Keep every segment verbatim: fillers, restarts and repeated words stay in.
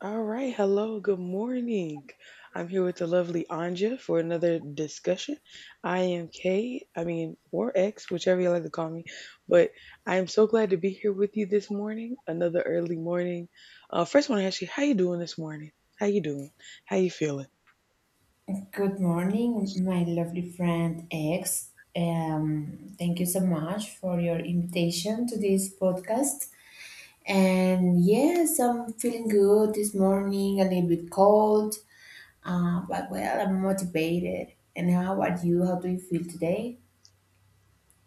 All right. Hello. Good morning. I'm here with the lovely Anja for another discussion. I am K, I mean, or X, whichever you like to call me. But I am so glad to be here with you this morning. Another early morning. Uh, first, I want to ask you, how you doing this morning? How you doing? How you feeling? Good morning, my lovely friend X. Um, thank you so much for your invitation to this podcast. And yes, I'm feeling good this morning, a little bit cold, uh, but well, I'm motivated. And how about you? How do you feel today?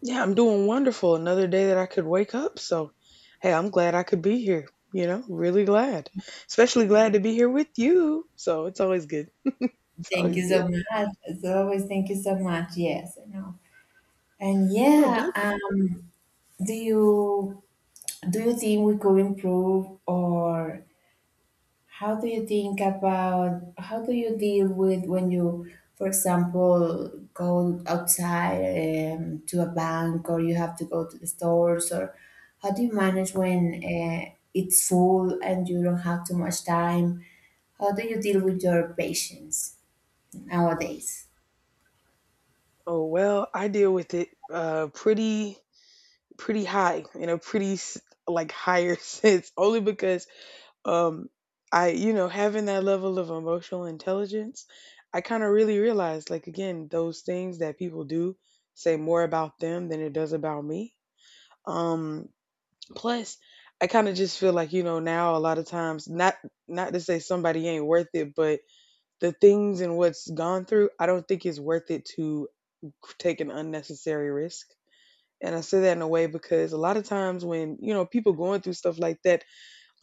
Yeah, I'm doing wonderful. Another day that I could wake up. So, hey, I'm glad I could be here. You know, really glad. Especially glad to be here with you. So it's always good. It's Thank always you so good. much. As always, thank you so much. Yes, I know. And Oh, yeah, um, do you do you think we could improve or how do you think about how do you deal with when you, for example, go outside um, to a bank or you have to go to the stores, or how do you manage when uh, it's full and you don't have too much time? How do you deal with your patients nowadays? oh well, I deal with it uh pretty pretty high in a pretty s- like higher sense only because um I you know having that level of emotional intelligence, I kind of really realized like again those things that people do say more about them than it does about me. Um plus I kind of just feel like you know now a lot of times not not to say somebody ain't worth it, but the things and what's gone through, I don't think it's worth it to take an unnecessary risk. And I say that in a way because a lot of times when, you know, people going through stuff like that,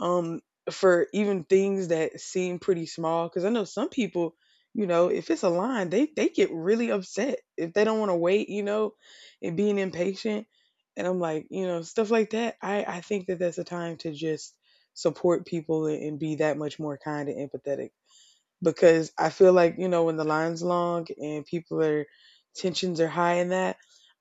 um, for even things that seem pretty small, because I know some people, you know, if it's a line, they, they get really upset if they don't want to wait, you know, and being impatient. And I'm like, you know, stuff like that. I, I think that that's a time to just support people and, and be that much more kind and empathetic, because I feel like you know when the line's long and people are tensions are high in that.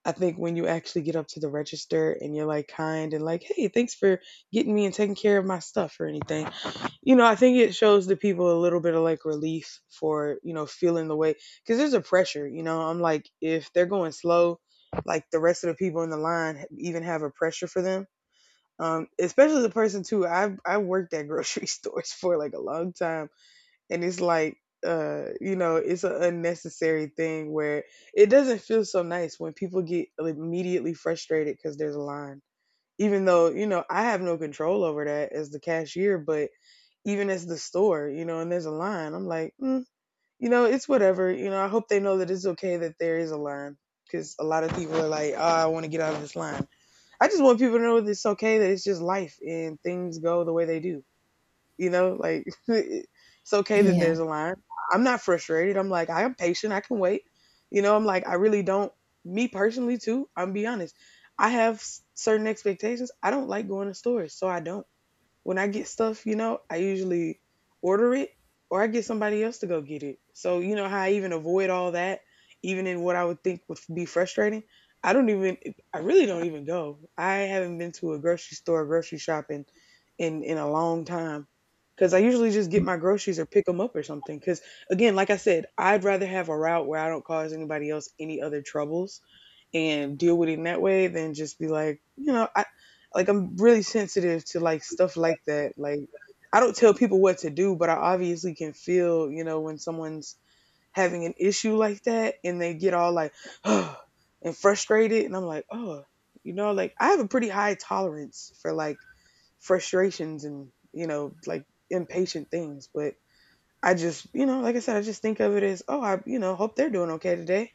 I think when you actually get up to the register and you're like kind and like, hey, thanks for getting me and taking care of my stuff or anything. You know, I think it shows the people a little bit of like relief for, you know, feeling the way, because there's a pressure, you know. I'm like, if they're going slow, like the rest of the people in the line even have a pressure for them. Um, especially the person too. I've I worked at grocery stores for like a long time, and it's like uh you know it's an unnecessary thing where it doesn't feel so nice when people get immediately frustrated because there's a line, even though you know I have no control over that as the cashier, but even as the store, you know, and there's a line, I'm like, mm, you know, it's whatever. You know, I hope they know that it's okay that there is a line, because a lot of people are like, oh, I want to get out of this line. I just want people to know that it's okay, that it's just life and things go the way they do, you know, like it's okay that Yeah. there's a line. I'm not frustrated. I'm like, I am patient. I can wait. You know, I'm like, I really don't. Me personally, too, I'm be honest. I have s- certain expectations. I don't like going to stores, so I don't. When I get stuff, you know, I usually order it or I get somebody else to go get it. So, you know how I even avoid all that, even in what I would think would be frustrating? I don't even, I really don't even go. I haven't been to a grocery store, grocery shopping in, in a long time, because I usually just get my groceries or pick them up or something. Because again, like I said, I'd rather have a route where I don't cause anybody else any other troubles and deal with it in that way than just be like, you know, I like I'm really sensitive to like stuff like that. Like I don't tell people what to do, but I obviously can feel, you know, when someone's having an issue like that and they get all like and frustrated, and I'm like, "Oh, you know, like I have a pretty high tolerance for like frustrations and, you know, like impatient things, but I just, you know, like I said, I just think of it as, "Oh, I, you know, hope they're doing okay today."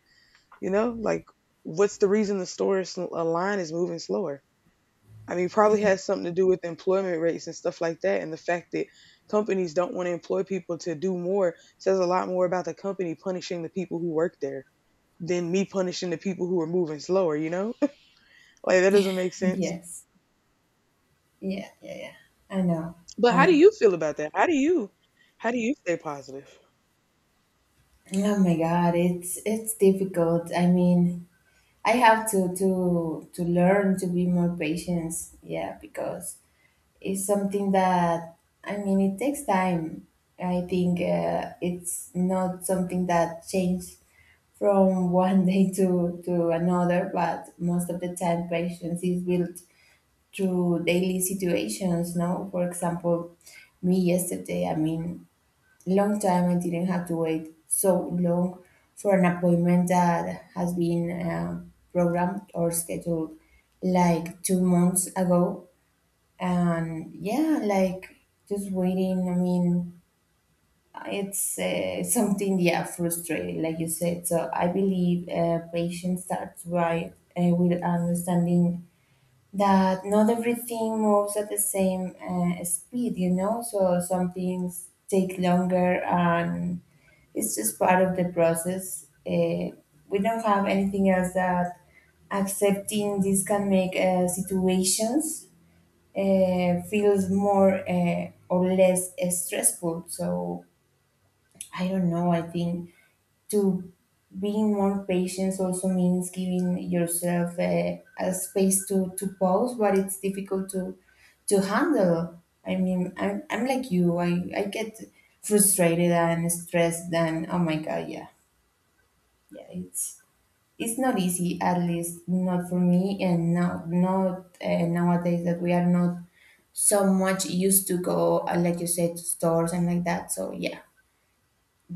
You know, like what's the reason the store is, a line is moving slower? I mean, probably has something to do with employment rates and stuff like that, and the fact that companies don't want to employ people to do more says a lot more about the company punishing the people who work there than me punishing the people who are moving slower. You know, like that doesn't make sense. Yes. Yeah. Yeah. Yeah. I know. But I how do know. you feel about that? How do you, how do you stay positive? Oh my God, it's it's difficult. I mean, I have to to to learn to be more patient. Yeah, because it's something that, I mean, it takes time. I think uh, it's not something that changes from one day to to another, but most of the time patience is built through daily situations. No, for example, me yesterday. I mean, long time I didn't have to wait so long for an appointment that has been uh, programmed or scheduled like two months ago. And yeah, like, just waiting. I mean, it's uh, something, yeah, frustrating, like you said. So I believe uh, patience starts by uh, with understanding that not everything moves at the same uh, speed, you know? So some things take longer and it's just part of the process. Uh, we don't have anything else that accepting this can make uh, situations uh, feels more uh, or less uh, stressful. So I don't know. I think to being more patient also means giving yourself a, a space to, to pause, but it's difficult to to handle. I mean, I'm, I'm like you. I, I get frustrated and stressed and oh my god, yeah. Yeah, it's it's not easy, at least not for me, and now not uh, nowadays that we are not so much used to go, uh, like you said, to stores and like that. So yeah,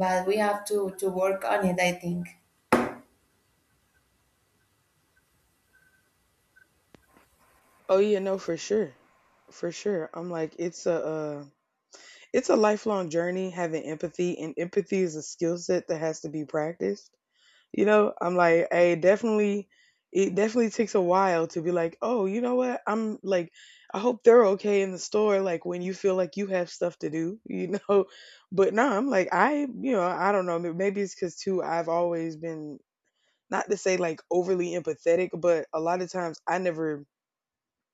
but we have to to work on it, I think. Oh yeah, no, for sure, for sure. I'm like it's a. Uh, It's a lifelong journey having empathy, and empathy is a skill set that has to be practiced. You know, I'm like, I definitely, it definitely takes a while to be like, oh, you know what? I'm like, I hope they're okay in the store, like when you feel like you have stuff to do, you know? But no, I'm like, I, you know, I don't know. Maybe it's because too, I've always been, not to say like overly empathetic, but a lot of times I never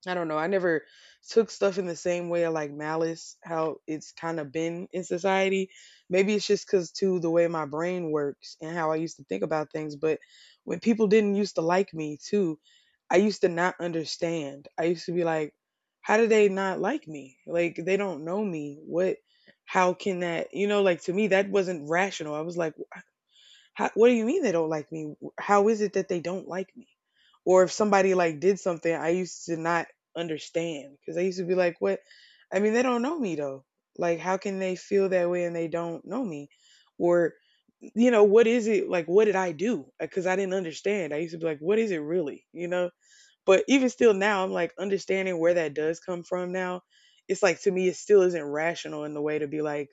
I don't know. I never took stuff in the same way of like malice, how it's kind of been in society. Maybe it's just because, too, the way my brain works and how I used to think about things. But when people didn't used to like me, too, I used to not understand. I used to be like, how do they not like me? Like, they don't know me. What, how can that, you know, like to me, that wasn't rational. I was like, how, what do you mean they don't like me? How is it that they don't like me? Or if somebody like did something, I used to not understand because I used to be like, what? I mean, they don't know me though. Like, how can they feel that way and they don't know me? Or, you know, what is it? Like, what did I do? Because I didn't understand. I used to be like, what is it really? You know? But even still now, I'm like understanding where that does come from now. It's like to me, it still isn't rational in the way to be like,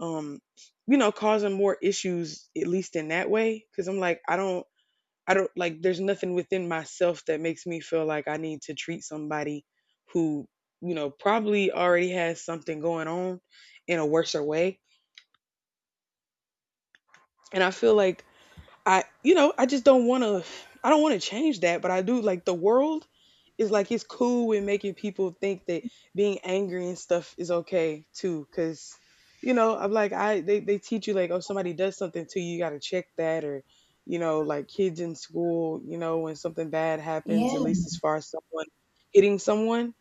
um you know causing more issues at least in that way, because I'm like i don't i don't like there's nothing within myself that makes me feel like I need to treat somebody who you know probably already has something going on in a worser way. And I feel like I you know, I just don't want to I don't want to change that, but I do like the world is like it's cool with making people think that being angry and stuff is okay too, cuz you know, I'm like I they they teach you like, oh, somebody does something to you, you got to check that. Or you know, like kids in school, you know, when something bad happens, at Yeah, least as far as someone hitting someone.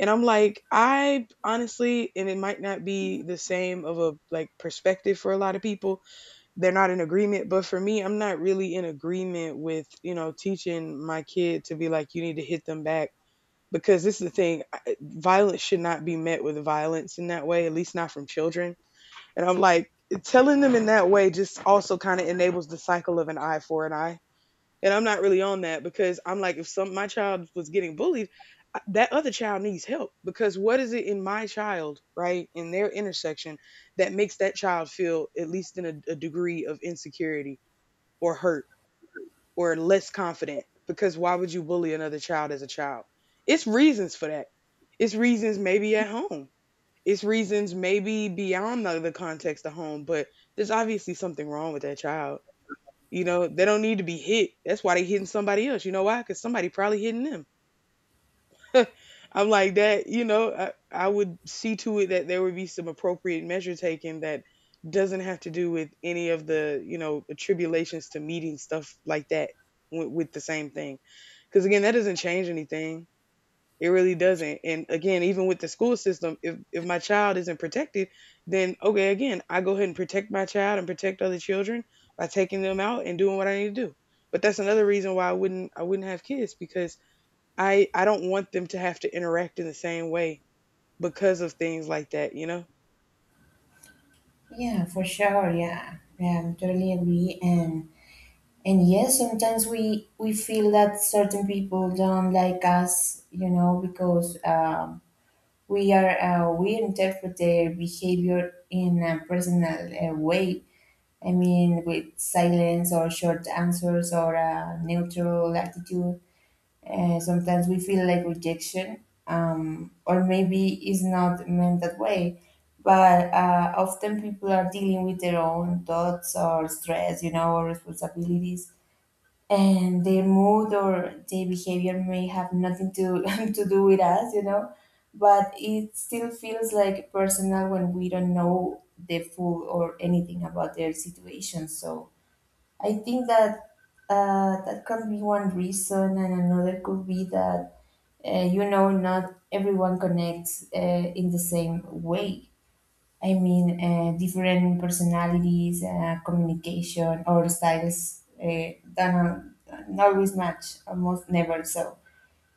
And I'm like, I honestly, and it might not be the same of a like perspective for a lot of people, they're not in agreement, but for me I'm not really in agreement with you know teaching my kid to be like, you need to hit them back, because this is the thing I- violence should not be met with violence in that way, at least not from children. And I'm like telling them in that way just also kind of enables the cycle of an eye for an eye, and I'm not really on that, because I'm like, if some my child was getting bullied, that other child needs help, because what is it in my child, right, in their intersection, that makes that child feel at least in a, a degree of insecurity or hurt or less confident? Because why would you bully another child as a child? It's reasons for that. It's reasons maybe at home. It's reasons maybe beyond the, the context of home, but there's obviously something wrong with that child. You know, they don't need to be hit. That's why they hitting somebody else. You know why? Because somebody probably hitting them. I'm like that. You know, I, I would see to it that there would be some appropriate measure taken that doesn't have to do with any of the you know attribulations to meeting stuff like that with, with the same thing. Because again, that doesn't change anything, it really doesn't. And again, even with the school system, if if my child isn't protected, then okay, again, I go ahead and protect my child and protect other children by taking them out and doing what I need to do. But that's another reason why I wouldn't I wouldn't have kids because I I don't want them to have to interact in the same way because of things like that, you know? yeah, for sure. Yeah, yeah, I totally agree. And and yes, sometimes we we feel that certain people don't like us, you know, because um, we are uh, we interpret their behavior in a personal uh, way, I mean, with silence or short answers or a neutral attitude. Uh, sometimes we feel like rejection, um, or maybe it's not meant that way. But uh, often people are dealing with their own thoughts or stress, you know, or responsibilities, and their mood or their behavior may have nothing to to do with us, you know. But it still feels like personal when we don't know the full or anything about their situation. So I think that uh, that can be one reason, and another could be that, uh, you know, not everyone connects uh, in the same way. I mean, uh, different personalities, uh, communication or styles uh, that don't always match, almost never so.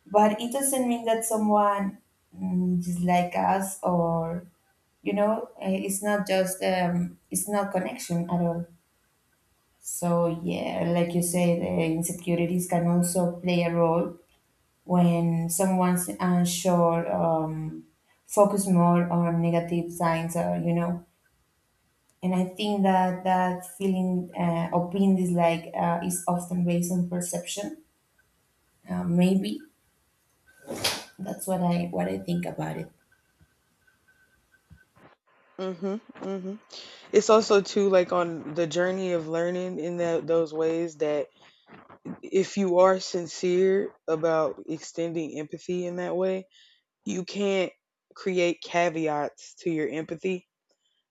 But it doesn't mean that someone, mm, dislike us or, you know, uh, it's not just, um, it's not connection at all. So, yeah, like you said, uh, insecurities can also play a role when someone's unsure, um, focus more on negative signs, or, you know. And I think that that feeling uh, of being disliked uh, is often based on perception. Uh, maybe that's what I what I think about it. Mhm. Mhm. It's also too, like, on the journey of learning in that those ways that if you are sincere about extending empathy in that way, you can't create caveats to your empathy.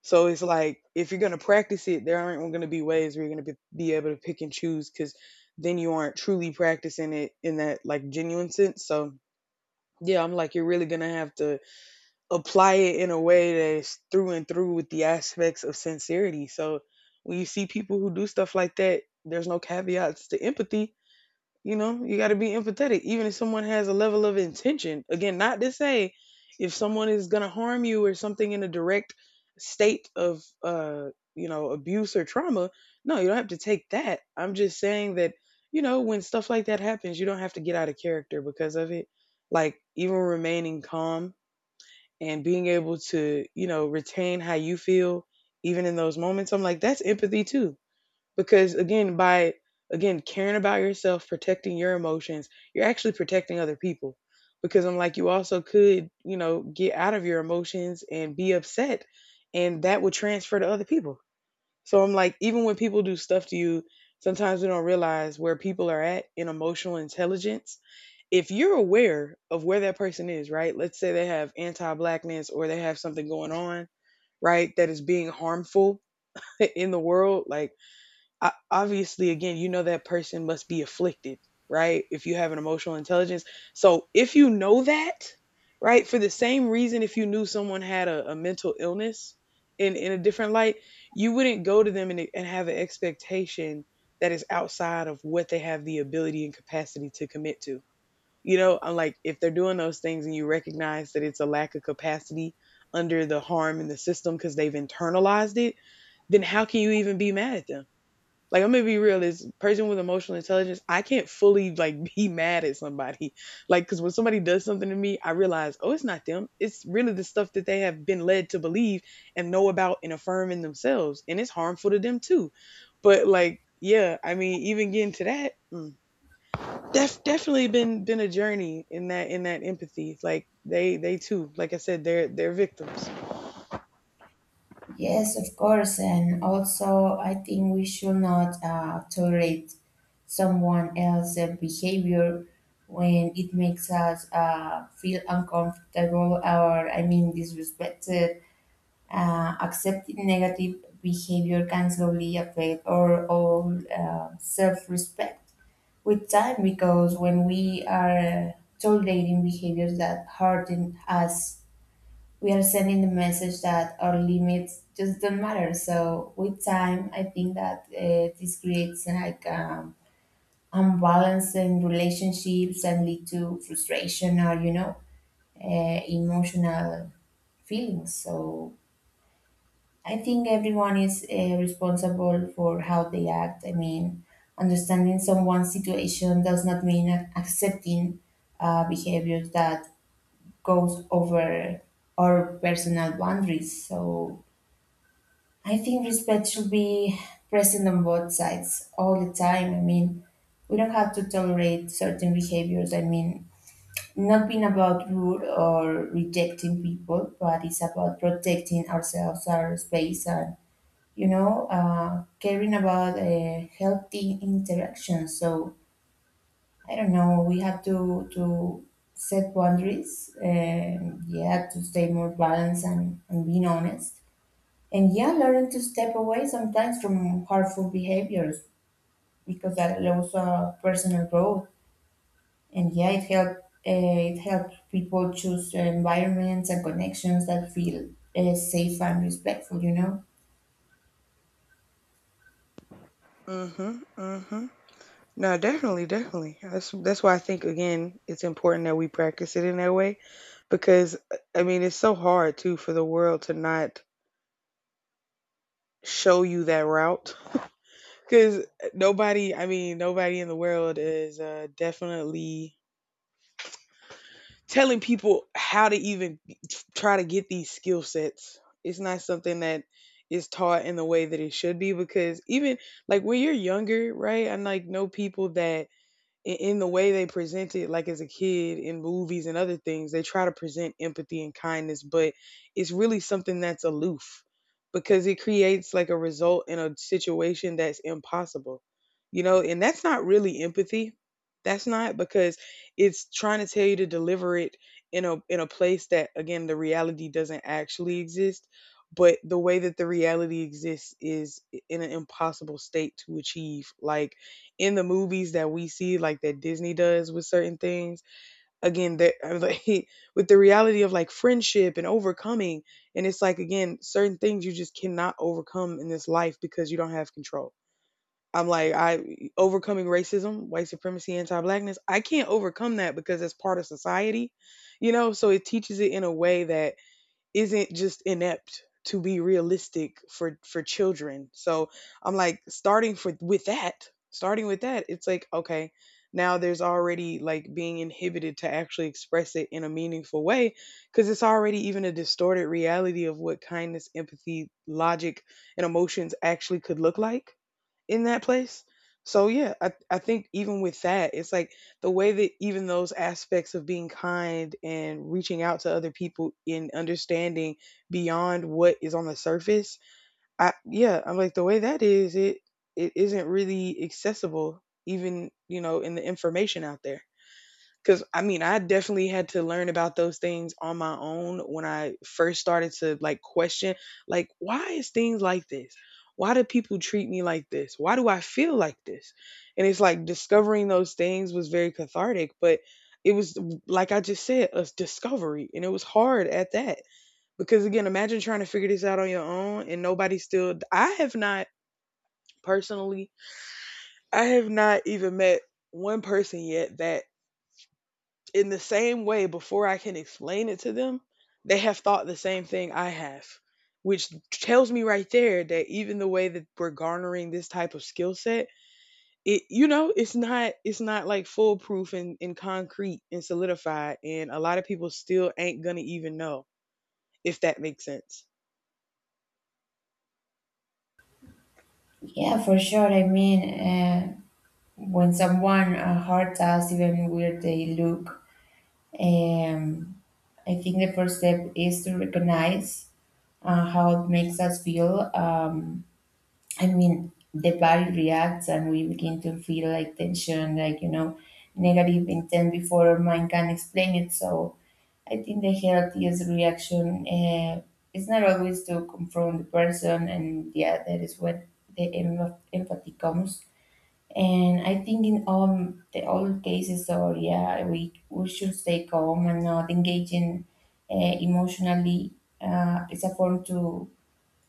So it's like if you're going to practice it, there aren't going to be ways where you're going to be, be able to pick and choose, because then you aren't truly practicing it in that like genuine sense. So yeah, I'm like, you're really going to have to apply it in a way that's through and through with the aspects of sincerity. So when you see people who do stuff like that, there's no caveats to empathy. You know, you got to be empathetic, even if someone has a level of intention. Again, not to say if someone is going to harm you or something in a direct state of, uh, you know, abuse or trauma. No, you don't have to take that. I'm just saying that, you know, when stuff like that happens, you don't have to get out of character because of it. Like, even remaining calm and being able to, you know, retain how you feel even in those moments, I'm like, that's empathy too. Because again, by again caring about yourself, protecting your emotions, you're actually protecting other people. Because I'm like, you also could, you know, get out of your emotions and be upset, and that would transfer to other people. So I'm like, even when people do stuff to you, sometimes we don't realize where people are at in emotional intelligence if you're aware of where that person is, right? Let's say they have anti blackness or they have something going on, right, that is being harmful in the world. Like, obviously, again, you know that person must be afflicted, right? If you have an emotional intelligence. So, if you know that, right, for the same reason, if you knew someone had a, a mental illness in, in a different light, you wouldn't go to them and, and have an expectation that is outside of what they have the ability and capacity to commit to. You know, I'm like, if they're doing those things and you recognize that it's a lack of capacity under the harm in the system because they've internalized it, then how can you even be mad at them? Like, I'm gonna be real, as a person with emotional intelligence, I can't fully like be mad at somebody. Like, cause when somebody does something to me, I realize, oh, it's not them. It's really the stuff that they have been led to believe and know about and affirm in themselves. And it's harmful to them too. But like, yeah, I mean, even getting to that, mm. Def, definitely been been a journey in that in that empathy. Like, they they too, like I said, they're they're victims. Yes, of course, and also I think we should not uh, tolerate someone else's behavior when it makes us uh, feel uncomfortable or, I mean, disrespected. Uh, accepting negative behavior can slowly affect our own uh, self-respect with time, because when we are tolerating behaviors that harden us, we are sending the message that our limits just don't matter. So with time, I think that uh, this creates like, um, unbalance in relationships and lead to frustration or, you know, uh, emotional feelings. So I think everyone is uh, responsible for how they act. I mean, understanding someone's situation does not mean ac- accepting uh, behaviors that goes over our personal boundaries. So I think respect should be present on both sides all the time. I mean, we don't have to tolerate certain behaviors. I mean, not being about rude or rejecting people, but it's about protecting ourselves, our space, and, you know, uh, caring about a healthy interaction. So I don't know. We have to to set boundaries. And yeah, to stay more balanced and, and being honest. And yeah, learn to step away sometimes from harmful behaviors because that allows uh, personal growth. And yeah, it help uh, it helps people choose environments and connections that feel uh, safe and respectful, you know. Mhm, mhm. No, definitely, definitely. That's that's why I think again it's important that we practice it in that way, because uh, I mean it's so hard too for the world to not show you that route, because nobody, I mean, nobody in the world is uh definitely telling people how to even try to get these skill sets. It's not something that is taught in the way that it should be, because even like when you're younger, right? I like know people that in, in the way they present it, like as a kid in movies and other things, they try to present empathy and kindness, but it's really something that's aloof because it creates like a result in a situation that's impossible, you know, and that's not really empathy. That's not because it's trying to tell you to deliver it in a in a place that again the reality doesn't actually exist, but the way that the reality exists is in an impossible state to achieve. Like in the movies that we see, like that Disney does with certain things. Again, that like, with the reality of like friendship and overcoming, and it's like again, certain things you just cannot overcome in this life because you don't have control. I'm like, I overcoming racism, white supremacy, anti-blackness. I can't overcome that because it's part of society, you know. So it teaches it in a way that isn't just inept to be realistic for for children. So I'm like, starting for with that, starting with that, it's like okay, now there's already like being inhibited to actually express it in a meaningful way because it's already even a distorted reality of what kindness, empathy, logic and emotions actually could look like in that place. So yeah, I, I think even with that, it's like the way that even those aspects of being kind and reaching out to other people in understanding beyond what is on the surface, I, yeah, I'm like the way that is, it it isn't really accessible even, you know, in the information out there. Because I mean, I definitely had to learn about those things on my own when I first started to like question, like, why is things like this? Why do people treat me like this? Why do I feel like this? And it's like discovering those things was very cathartic, but it was like I just said, a discovery, and it was hard at that. Because again, imagine trying to figure this out on your own and nobody still. I have not personally, I have not even met one person yet that in the same way before I can explain it to them, they have thought the same thing I have, which tells me right there that even the way that we're garnering this type of skill set, it, you know, it's not, it's not like foolproof and, and concrete and solidified, and a lot of people still ain't gonna even know if that makes sense. Yeah, for sure. I mean. Uh, when someone uh, hurts us, even where they look, um, I think the first step is to recognize uh, how it makes us feel. Um, I mean, the body reacts and we begin to feel like tension, like, you know, negative intent before our mind can explain it. So I think the healthiest reaction uh, is not always to confront the person, and yeah, that is what the em- empathy comes. And I think in all the all cases, or yeah, we we should stay calm and not engage in, uh, emotionally. Uh, it's a form to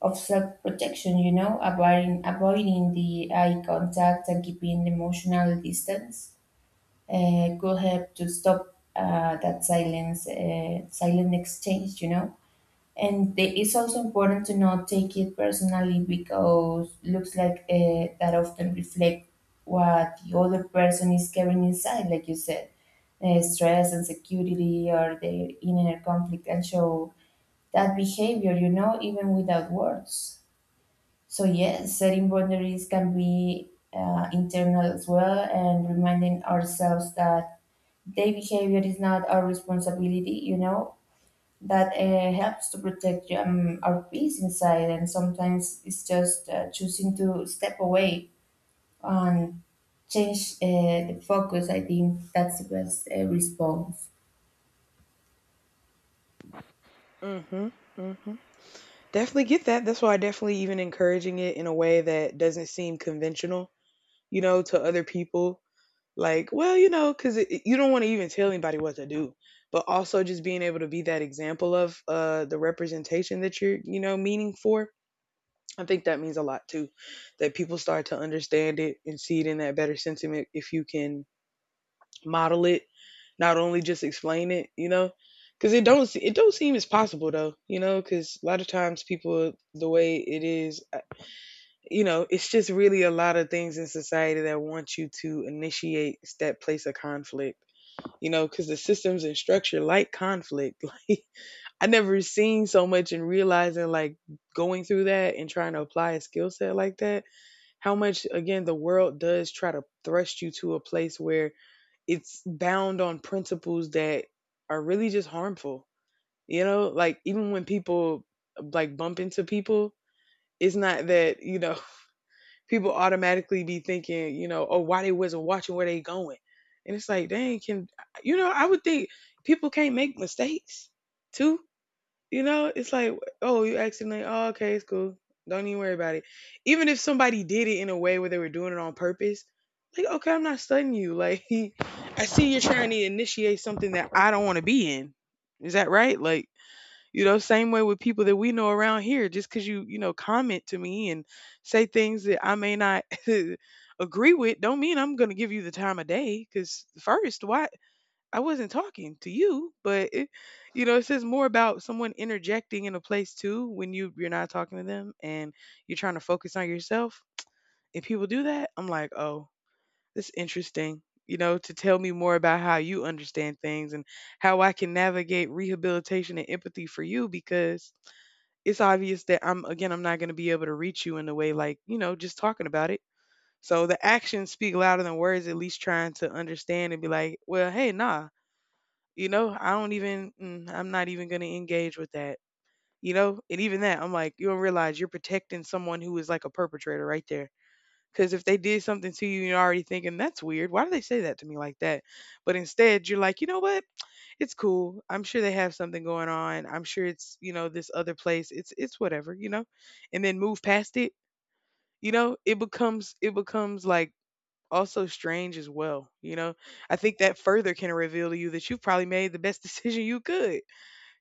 of self protection, you know, avoiding avoiding the eye contact and keeping emotional distance uh, could help to stop uh, that silence uh, silent exchange, you know. And the- it's also important to not take it personally because looks like uh, that often reflect what the other person is carrying inside, like you said, uh, stress, insecurity, or their inner conflict, and show that behavior, you know, even without words. So yes, setting boundaries can be uh, internal as well, and reminding ourselves that their behavior is not our responsibility, you know, that uh, helps to protect, um, our peace inside. And sometimes it's just uh, choosing to step away and change uh, the focus. I think that's the best uh, response. Mhm. Mhm. Definitely get that. That's why I definitely even encouraging it in a way that doesn't seem conventional, you know, to other people. Like, well, you know, because you don't want to even tell anybody what to do, but also just being able to be that example of uh, the representation that you're, you know, meaning for. I think that means a lot too, that people start to understand it and see it in that better sentiment if you can model it, not only just explain it, you know, because it don't se- it don't seem as possible though, you know, because a lot of times people the way it is, uh, you know, it's just really a lot of things in society that want you to initiate that place of conflict, you know, because the systems and structure like conflict. Like, I never seen so much and realizing like going through that and trying to apply a skill set like that, how much again the world does try to thrust you to a place where it's bound on principles that are really just harmful. You know, like even when people like bump into people, it's not that, you know, people automatically be thinking, you know, oh, why they wasn't watching where they going. And it's like, dang, can, you know, I would think people can't make mistakes too. You know, it's like, oh, you accidentally, oh, okay, it's cool. Don't even worry about it. Even if somebody did it in a way where they were doing it on purpose, like, okay, I'm not studying you. Like, I see you're trying to initiate something that I don't want to be in. Is that right? Like, you know, same way with people that we know around here, just because you, you know, comment to me and say things that I may not agree with, don't mean I'm going to give you the time of day. Because first, why I wasn't talking to you, but it, you know, it says more about someone interjecting in a place too when you you're not talking to them and you're trying to focus on yourself. If people do that, I'm like, oh, this interesting. You know, to tell me more about how you understand things and how I can navigate rehabilitation and empathy for you, because it's obvious that I'm again, I'm not going to be able to reach you in the way like you know just talking about it. So the actions speak louder than words. At least trying to understand and be like, well, hey, nah, you know, I don't even, mm, I'm not even going to engage with that, you know. And even that, I'm like, you don't realize you're protecting someone who is like a perpetrator right there. Because if they did something to you, you're already thinking that's weird. Why do they say that to me like that? But instead, you're like, you know what? It's cool. I'm sure they have something going on. I'm sure it's, you know, this other place. It's it's whatever, you know. And then move past it, you know, it becomes it becomes like also strange as well, you know. I think that further can reveal to you that you've probably made the best decision you could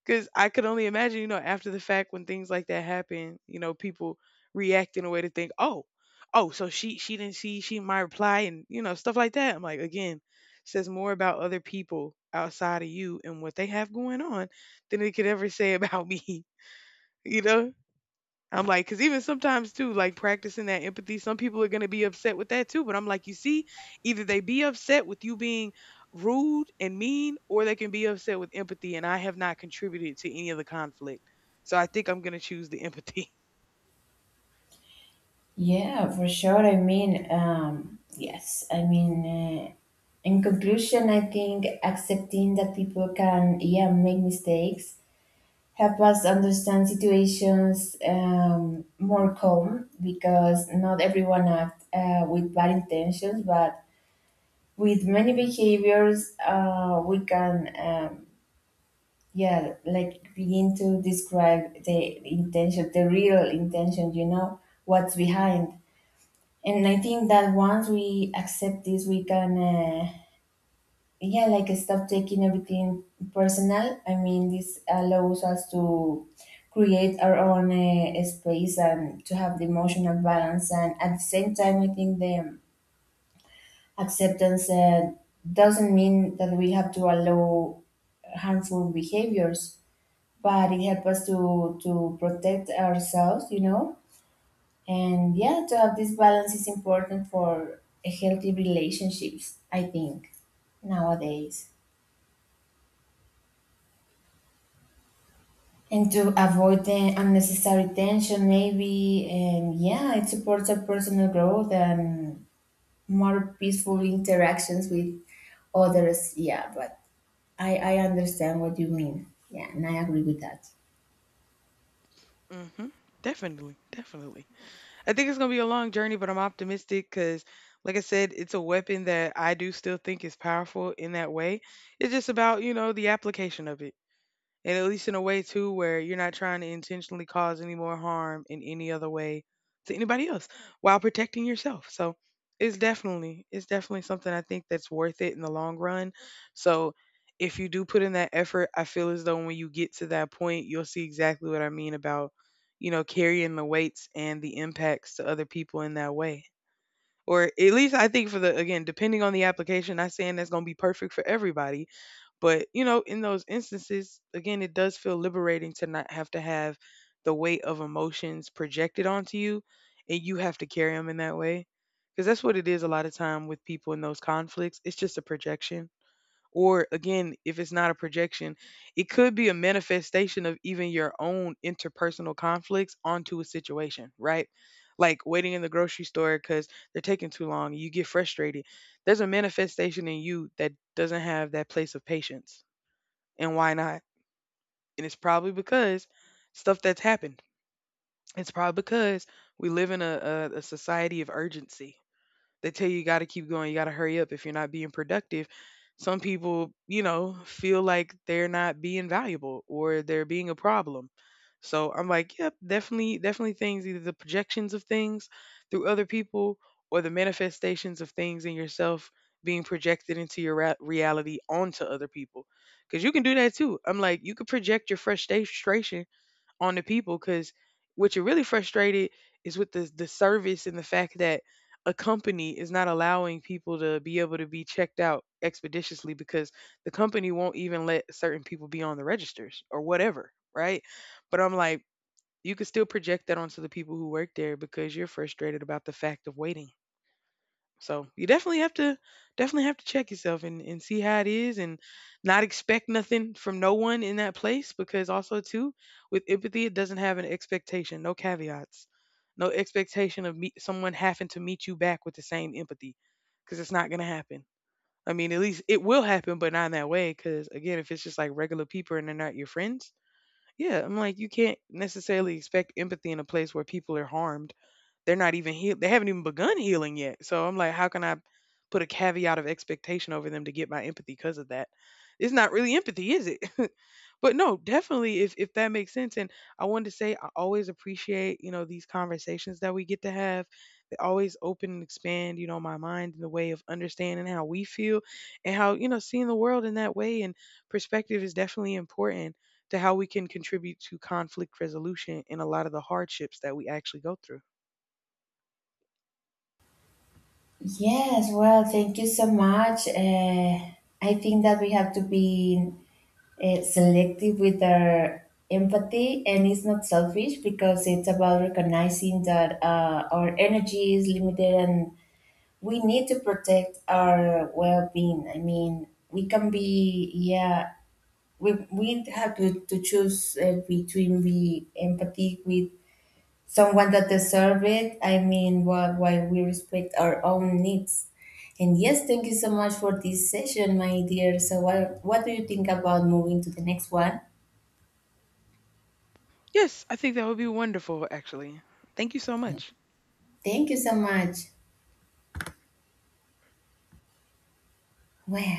because I could only imagine, you know, after the fact when things like that happen, you know, people react in a way to think, oh, oh, so she she didn't see she my reply, and you know stuff like that. I'm like, again, says more about other people outside of you and what they have going on than it could ever say about me. You know. I'm like, because even sometimes too, like practicing that empathy, some people are going to be upset with that too. But I'm like, you see, either they be upset with you being rude and mean, or they can be upset with empathy. And I have not contributed to any of the conflict. So I think I'm going to choose the empathy. Yeah, for sure. I mean, um, yes. I mean, uh, in conclusion, I think accepting that people can, yeah, make mistakes help us understand situations, um, more calm because not everyone act uh, with bad intentions, but with many behaviors uh, we can, um, yeah, like begin to describe the intention, the real intention, you know, what's behind. And I think that once we accept this, we can, uh, yeah, like stop taking everything personal. I mean, this allows us to create our own uh, space and to have the emotional balance. And at the same time, I think the acceptance uh, doesn't mean that we have to allow harmful behaviors, but it helps us to, to protect ourselves, you know? And yeah, to have this balance is important for healthy relationships, I think, nowadays. And to avoid the unnecessary tension, maybe, and yeah, it supports our personal growth and more peaceful interactions with others. Yeah, but I, I understand what you mean. Yeah, and I agree with that. Hmm. Definitely. Definitely. I think it's gonna be a long journey, but I'm optimistic because, like I said, it's a weapon that I do still think is powerful in that way. It's just about you know the application of it, and at least in a way too where you're not trying to intentionally cause any more harm in any other way to anybody else while protecting yourself. So it's definitely, it's definitely something I think that's worth it in the long run. So if you do put in that effort, I feel as though when you get to that point, you'll see exactly what I mean about, you know, carrying the weights and the impacts to other people in that way. Or at least I think for the, again, depending on the application, not saying that's going to be perfect for everybody, but, you know, in those instances, again, it does feel liberating to not have to have the weight of emotions projected onto you and you have to carry them in that way. Because that's what it is a lot of time with people in those conflicts. It's just a projection. Or again, if it's not a projection, it could be a manifestation of even your own interpersonal conflicts onto a situation, right? Like waiting in the grocery store because they're taking too long, you get frustrated. There's a manifestation in you that doesn't have that place of patience, and why not? And it's probably because stuff that's happened. It's probably because we live in a, a, a society of urgency. They tell you you got to keep going, you got to hurry up if you're not being productive. Some people, you know, feel like they're not being valuable or they're being a problem. So I'm like, yep, definitely, definitely things, either the projections of things through other people, or the manifestations of things in yourself being projected into your ra- reality onto other people. Because you can do that too. I'm like, you could project your frustration on the people because what you're really frustrated is with the the service and the fact that a company is not allowing people to be able to be checked out expeditiously because the company won't even let certain people be on the registers or whatever, right? But I'm like, you could still project that onto the people who work there because you're frustrated about the fact of waiting. So you definitely have to, definitely have to check yourself and, and see how it is, and not expect nothing from no one in that place. Because also too, with empathy, it doesn't have an expectation, no caveats. No expectation of meet someone having to meet you back with the same empathy, because it's not going to happen. I mean, at least it will happen, but not in that way. Because again, if it's just like regular people and they're not your friends, yeah, I'm like, you can't necessarily expect empathy in a place where people are harmed, they're not even healed. They haven't even begun healing yet. So I'm like, how can I put a caveat of expectation over them to get my empathy because of that? It's not really empathy, is it? But no, definitely, if if that makes sense. And I wanted to say I always appreciate, you know, these conversations that we get to have. They always open and expand, you know, my mind in the way of understanding how we feel and how, you know, seeing the world in that way and perspective is definitely important to how we can contribute to conflict resolution and a lot of the hardships that we actually go through. Yes, well, thank you so much. Uh, I think that we have to be uh, selective with our empathy, and it's not selfish because it's about recognizing that uh, our energy is limited and we need to protect our well-being. I mean, we can be, yeah, we, we have to, to choose uh, between be empathy with someone that deserve it. I mean, while, while we respect our own needs. And yes, thank you so much for this session, my dear. So, what, what do you think about moving to the next one? Yes, I think that would be wonderful, actually. Thank you so much. Thank you so much. Well,